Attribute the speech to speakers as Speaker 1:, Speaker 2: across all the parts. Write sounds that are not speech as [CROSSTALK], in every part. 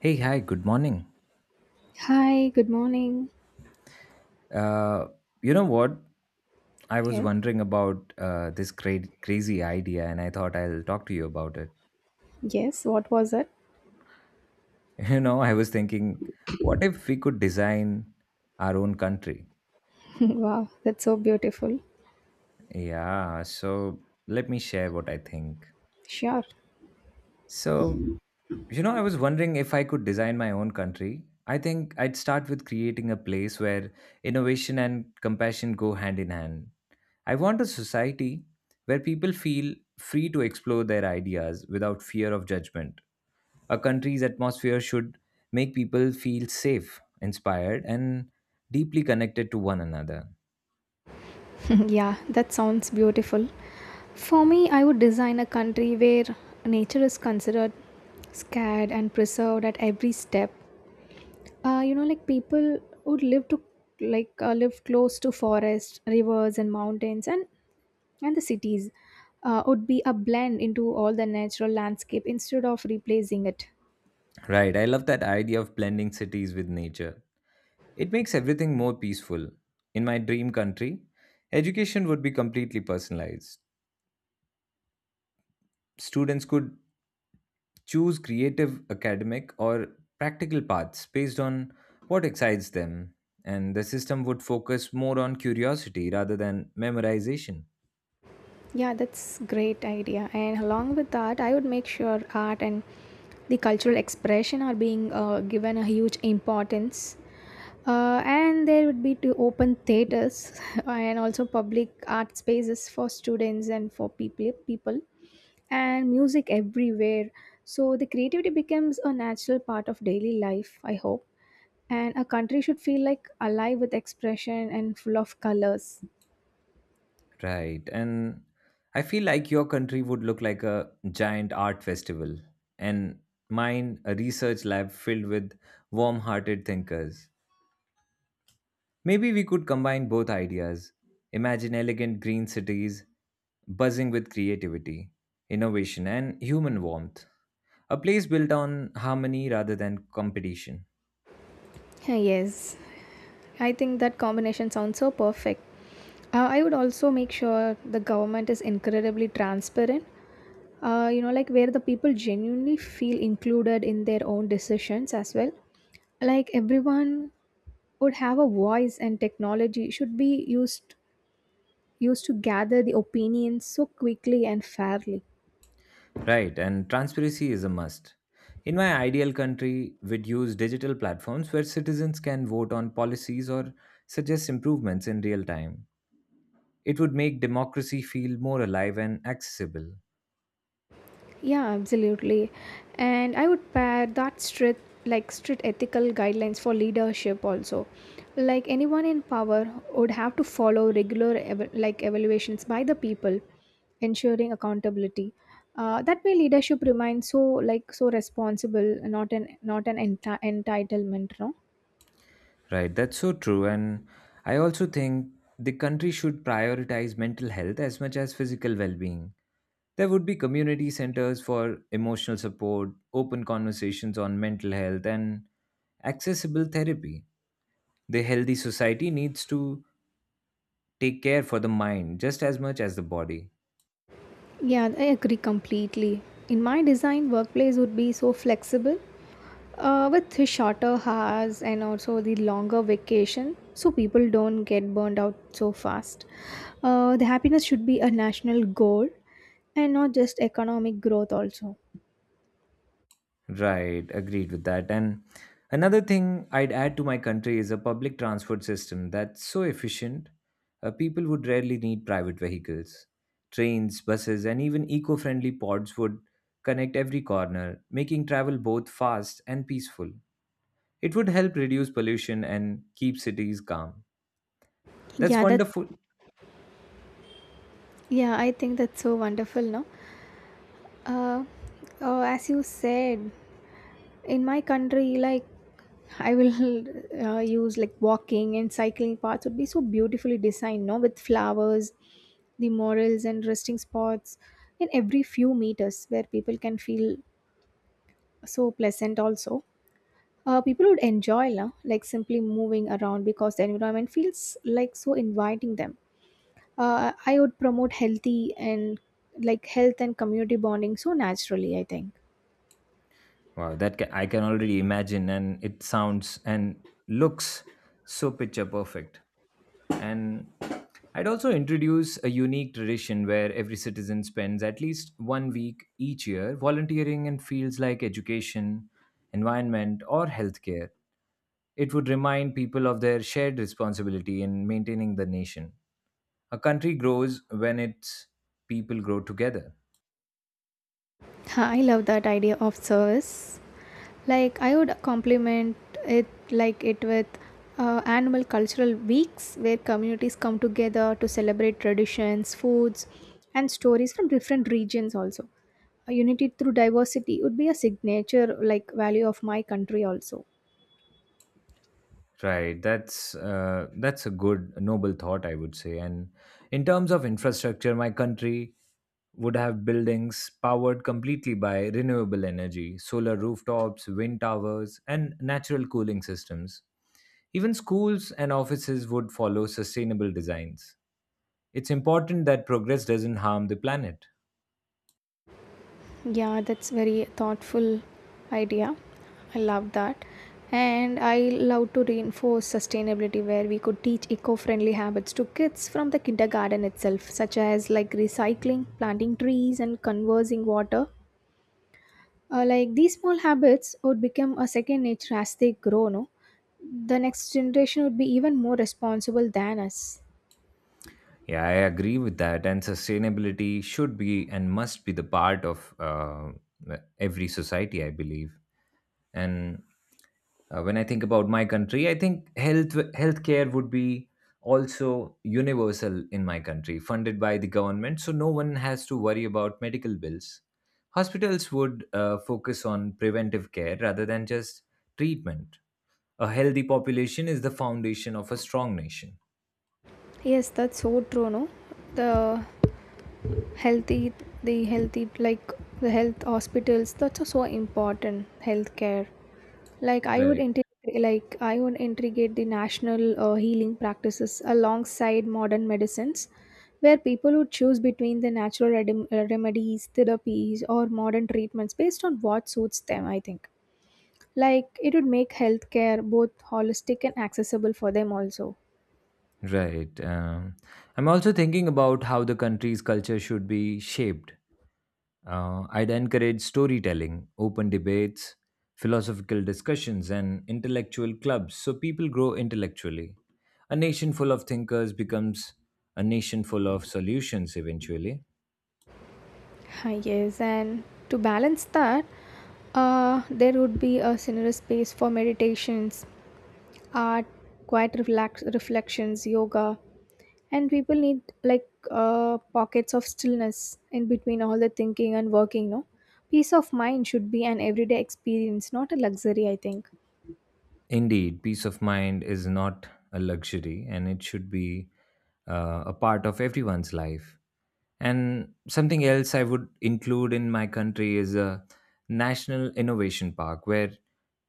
Speaker 1: Hey, hi, good morning.
Speaker 2: Hi, good morning.
Speaker 1: Uh, you know what? I was
Speaker 2: Yes,
Speaker 1: wondering about this crazy idea, and I thought I'll talk to you about it.
Speaker 2: yes, what was it?
Speaker 1: [LAUGHS] You know, I was thinking, what if we could design our own country?
Speaker 2: [LAUGHS] Wow, that's so beautiful.
Speaker 1: Yeah, so let me share what I think.
Speaker 2: Sure.
Speaker 1: So, you know, I was wondering if I could design my own country. I think I'd start with creating a place where innovation and compassion go hand in hand. I want a society where people feel free to explore their ideas without fear of judgment. A country's atmosphere should make people feel safe, inspired, and deeply connected to one another.
Speaker 2: [LAUGHS] Yeah, that sounds beautiful. For me, I would design a country where nature is considered scared and preserved at every step. Like people would live to live close to forests, rivers, and mountains, and the cities would be a blend into all the natural landscape instead of replacing it.
Speaker 1: Right, I love that idea of blending cities with nature. It makes everything more peaceful. In my dream country, education would be completely personalized. Students could choose creative, academic, or practical paths based on what excites them. And the system would focus more on curiosity rather than memorization.
Speaker 2: Yeah, that's great idea. And along with that, I would make sure art and the cultural expression are being given a huge importance. And there would be to open theaters [LAUGHS] and also public art spaces for students and for people and music everywhere. So the creativity becomes a natural part of daily life, I hope. And a country should feel like alive with expression and full of colors.
Speaker 1: Right. And I feel like your country would look like a giant art festival, and mine, a research lab filled with warm hearted thinkers. Maybe we could combine both ideas. Imagine elegant green cities buzzing with creativity, innovation, and human warmth. A place built on harmony rather than competition.
Speaker 2: Yes. I think that combination sounds so perfect. I would also make sure the government is incredibly transparent. Like where the people genuinely feel included in their own decisions as well. Like everyone would have a voice, and technology should be used to gather the opinions so quickly and fairly.
Speaker 1: Right, and transparency is a must. In my ideal country, we'd use digital platforms where citizens can vote on policies or suggest improvements in real time. It would make democracy feel more alive and accessible.
Speaker 2: Yeah, absolutely. And I would pair that strict ethical guidelines for leadership also. Like anyone in power would have to follow regular evaluations by the people, ensuring accountability. That way leadership remains so responsible, not an not an enti- entitlement, no?
Speaker 1: Right, that's so true. And I also think the country should prioritize mental health as much as physical well being. There would be community centers for emotional support, open conversations on mental health, and accessible therapy. The healthy society needs to take care for the mind just as much as the body.
Speaker 2: Yeah, I agree completely. In my design, workplace would be so flexible with the shorter hours and also the longer vacation, so people don't get burned out so fast. The happiness should be a national goal and not just economic growth also.
Speaker 1: Right, agreed with that. And another thing I'd add to my country is a public transport system that's so efficient. People would rarely need private vehicles. Trains, buses, and even eco friendly pods would connect every corner, making travel both fast and peaceful. It would help reduce pollution and keep cities calm. That's
Speaker 2: Yeah, that
Speaker 1: wonderful.
Speaker 2: yeah, I think that's so wonderful, no? Uh, as you said, in my country like I will [LAUGHS] use like walking and cycling paths would be so beautifully designed, no, with flowers, the murals, and resting spots in every few meters where people can feel so pleasant also. People would enjoy, no? Like simply moving around because the environment feels like so inviting them. I would promote healthy and like health and community bonding so naturally, I think.
Speaker 1: Wow, that I can already imagine, and it sounds and looks so picture perfect. And I'd also introduce a unique tradition where every citizen spends at least 1 week each year volunteering in fields like education, environment, or healthcare. It would remind people of their shared responsibility in maintaining the nation. A country grows when its people grow together.
Speaker 2: Huh, I love that idea of service. Like I would complement it with annual cultural weeks where communities come together to celebrate traditions, foods, and stories from different regions also. A unity through diversity would be a signature like value of my country also.
Speaker 1: Right. That's a good noble thought, I would say. And in terms of infrastructure, my country would have buildings powered completely by renewable energy, solar rooftops, wind towers, and natural cooling systems. Even schools and offices would follow sustainable designs. It's important that progress doesn't harm the planet.
Speaker 2: Yeah, that's very thoughtful idea. I love that. And I love to reinforce sustainability where we could teach eco-friendly habits to kids from the kindergarten itself, such as like recycling, planting trees, and conserving water. Like these small habits would become a second nature as they grow, no? The next generation would be even more responsible than us.
Speaker 1: Yeah, I agree with that. And sustainability should be and must be the part of every society, I believe. And when I think about my country, I think healthcare would be also universal in my country, funded by the government, so no one has to worry about medical bills. Hospitals would focus on preventive care rather than just treatment. A healthy population is the foundation of a strong nation.
Speaker 2: Yes, that's so true, no? The healthy the healthy like the health hospitals, that's so important, healthcare. like i would
Speaker 1: Right.
Speaker 2: integrate like I would integrate the national healing practices alongside modern medicines where people would choose between the natural remedies, therapies, or modern treatments based on what suits them, I think. Like it would make healthcare both holistic and accessible for them also.
Speaker 1: Right. I'm also thinking about how the country's culture should be shaped. I'd encourage storytelling, open debates, philosophical discussions, and intellectual clubs so people grow intellectually. A nation full of thinkers becomes a nation full of solutions eventually.
Speaker 2: Ah, yes, and to balance that, there would be a generous space for meditations, art, reflections, yoga, and people need like pockets of stillness in between all the thinking and working. No, peace of mind should be an everyday experience, not a luxury, I think.
Speaker 1: Indeed, peace of mind is not a luxury and it should be a part of everyone's life. And something else I would include in my country is a national innovation park where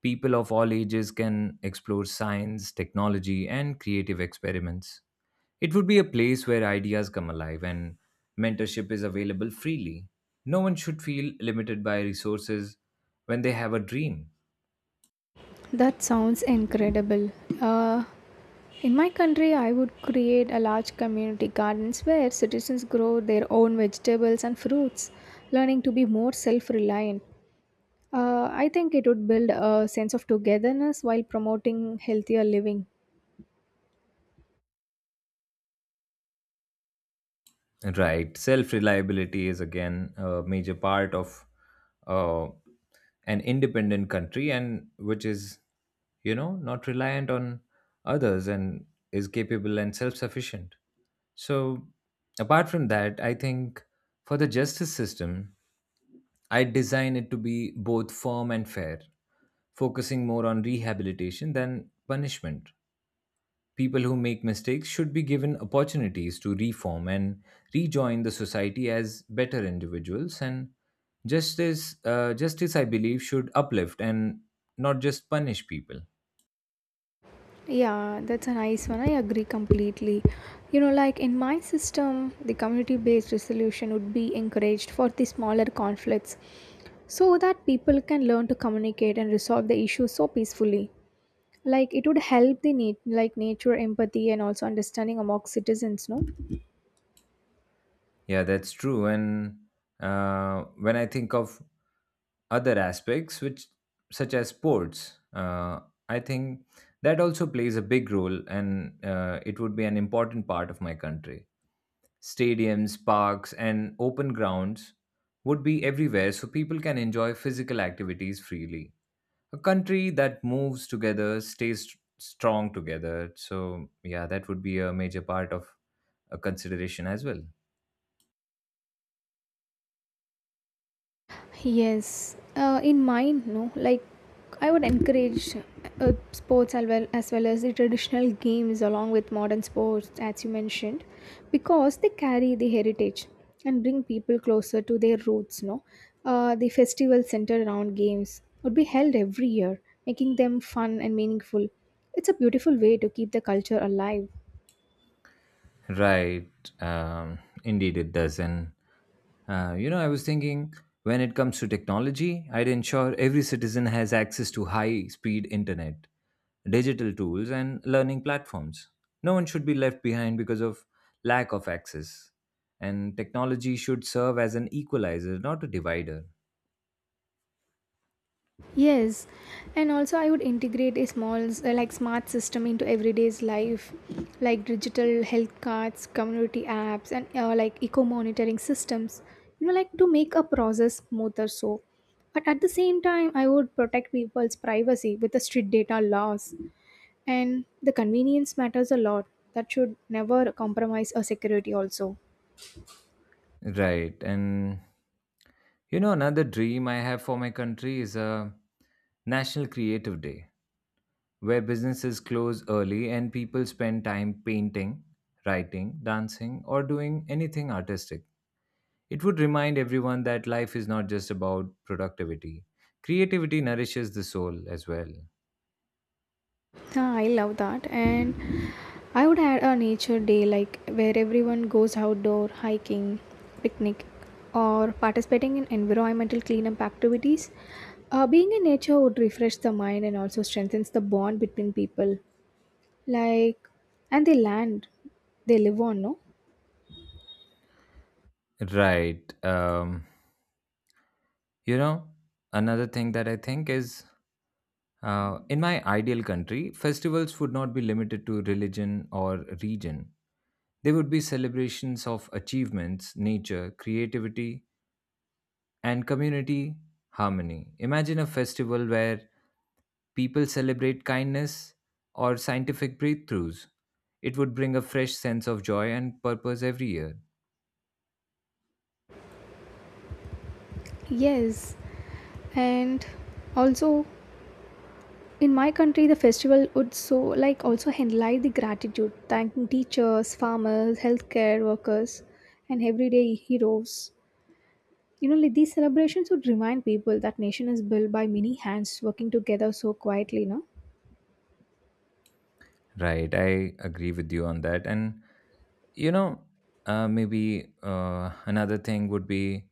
Speaker 1: people of all ages can explore science, technology, and creative experiments. It would be a place where ideas come alive and mentorship is available freely. No one should feel limited by resources when they have a dream.
Speaker 2: That sounds incredible. Uh, In my country, I would create a large community gardens where citizens grow their own vegetables and fruits, learning to be more self-reliant. I think it would build a sense of togetherness while promoting healthier living.
Speaker 1: Right. Self reliability is again a major part of uh, an independent country, and which is, you know, not reliant on others and is capable and self sufficient. So, apart from that, I think for the justice system, I design it to be both firm and fair, focusing more on rehabilitation than punishment. People who make mistakes should be given opportunities to reform and rejoin the society as better individuals. And justice, I believe, should uplift and not just punish people.
Speaker 2: Yeah, that's a nice one. I agree completely. You know, like in my system, the community-based resolution would be encouraged for the smaller conflicts so that people can learn to communicate and resolve the issues so peacefully. Like it would help the nature empathy and also understanding among citizens, no?
Speaker 1: Yeah, that's true. And when I think of other aspects, which such as sports, I think that also plays a big role, and it would be an important part of my country. Stadiums, parks, and open grounds would be everywhere so people can enjoy physical activities freely. A country that moves together stays strong together. So, yeah, that would be a major part of a consideration as well.
Speaker 2: Yes, in mine, no, like I would encourage sports as well as the traditional games along with modern sports as you mentioned, because they carry the heritage and bring people closer to their roots, no? The festival centered around games would be held every year, making them fun and meaningful. It's a beautiful way to keep the culture alive.
Speaker 1: Right. Um, indeed, it does. And you know, I was thinking, when it comes to technology, I'd ensure every citizen has access to high speed internet, digital tools, and learning platforms. No one should be left behind because of lack of access. And technology should serve as an equalizer, not a divider.
Speaker 2: Yes, and also I would integrate a small smart system into everyday's life, like digital health cards, community apps, and like eco monitoring systems. You know, like to make a process smoother. So, but at the same time, I would protect people's privacy with the strict data laws, and the convenience matters a lot. That should never compromise our security. Also.
Speaker 1: Right. And you know, another dream I have for my country is a National Creative Day, where businesses close early and people spend time painting, writing, dancing, or doing anything artistic. It would remind everyone that life is not just about productivity. Creativity nourishes the soul as well.
Speaker 2: Ah, I love that. And I would add a nature day, like where everyone goes outdoor hiking, picnic, or participating in environmental cleanup activities. Being in nature would refresh the mind and also strengthens the bond between people, like and the land they live on, no?
Speaker 1: Right. You know, another thing that I think is in my ideal country, festivals would not be limited to religion or region. They would be celebrations of achievements, nature, creativity, and community harmony. Imagine a festival where people celebrate kindness or scientific breakthroughs. It would bring a fresh sense of joy and purpose every year.
Speaker 2: Yes, and also in my country, the festival would so like also highlight the gratitude, thanking teachers, farmers, healthcare workers, and everyday heroes. You know, like these celebrations would remind people that nation is built by many hands working together so quietly. No,
Speaker 1: Right, I agree with you on that. And, you know, maybe another thing would be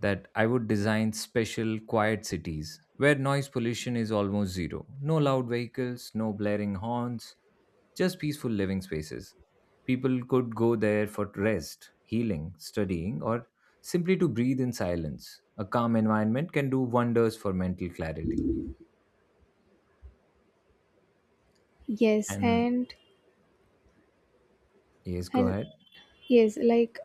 Speaker 1: that I would design special quiet cities where noise pollution is almost zero. No loud vehicles, no blaring horns, just peaceful living spaces. People could go there for rest, healing, studying, or simply to breathe in silence. A calm environment can do wonders for mental clarity.
Speaker 2: yes,
Speaker 1: And
Speaker 2: and
Speaker 1: yes, go
Speaker 2: and
Speaker 1: ahead.
Speaker 2: yes, like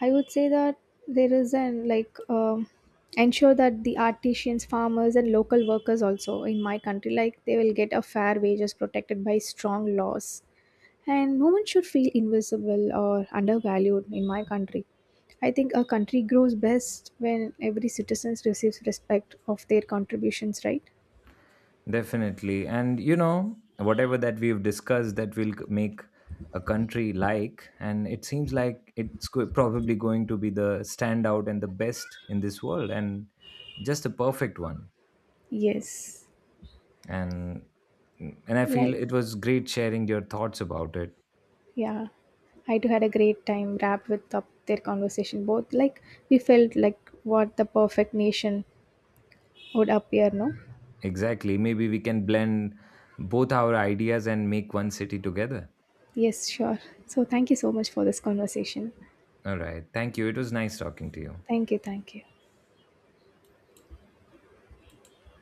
Speaker 2: I would say that there is an like ensure that the artisans, farmers, and local workers also in my country, like they will get a fair wages protected by strong laws. And no one should feel invisible or undervalued in my country. I think a country grows best when every citizen receives respect of their contributions, right?
Speaker 1: Definitely. And you know, whatever that we've discussed that will make a country like, and it seems like it's probably going to be the standout and the best in this world, and just a perfect one.
Speaker 2: Yes.
Speaker 1: And I feel
Speaker 2: Like,
Speaker 1: it was great sharing your thoughts about it.
Speaker 2: yeah, I too had a great time wrapped with up their conversation. Both like we felt like what the perfect nation would appear, no?
Speaker 1: Exactly. Maybe we can blend both our ideas and make one city together.
Speaker 2: Yes, sure. So thank you so much for this conversation.
Speaker 1: All right. Thank you. It was nice talking to you.
Speaker 2: Thank you, thank you.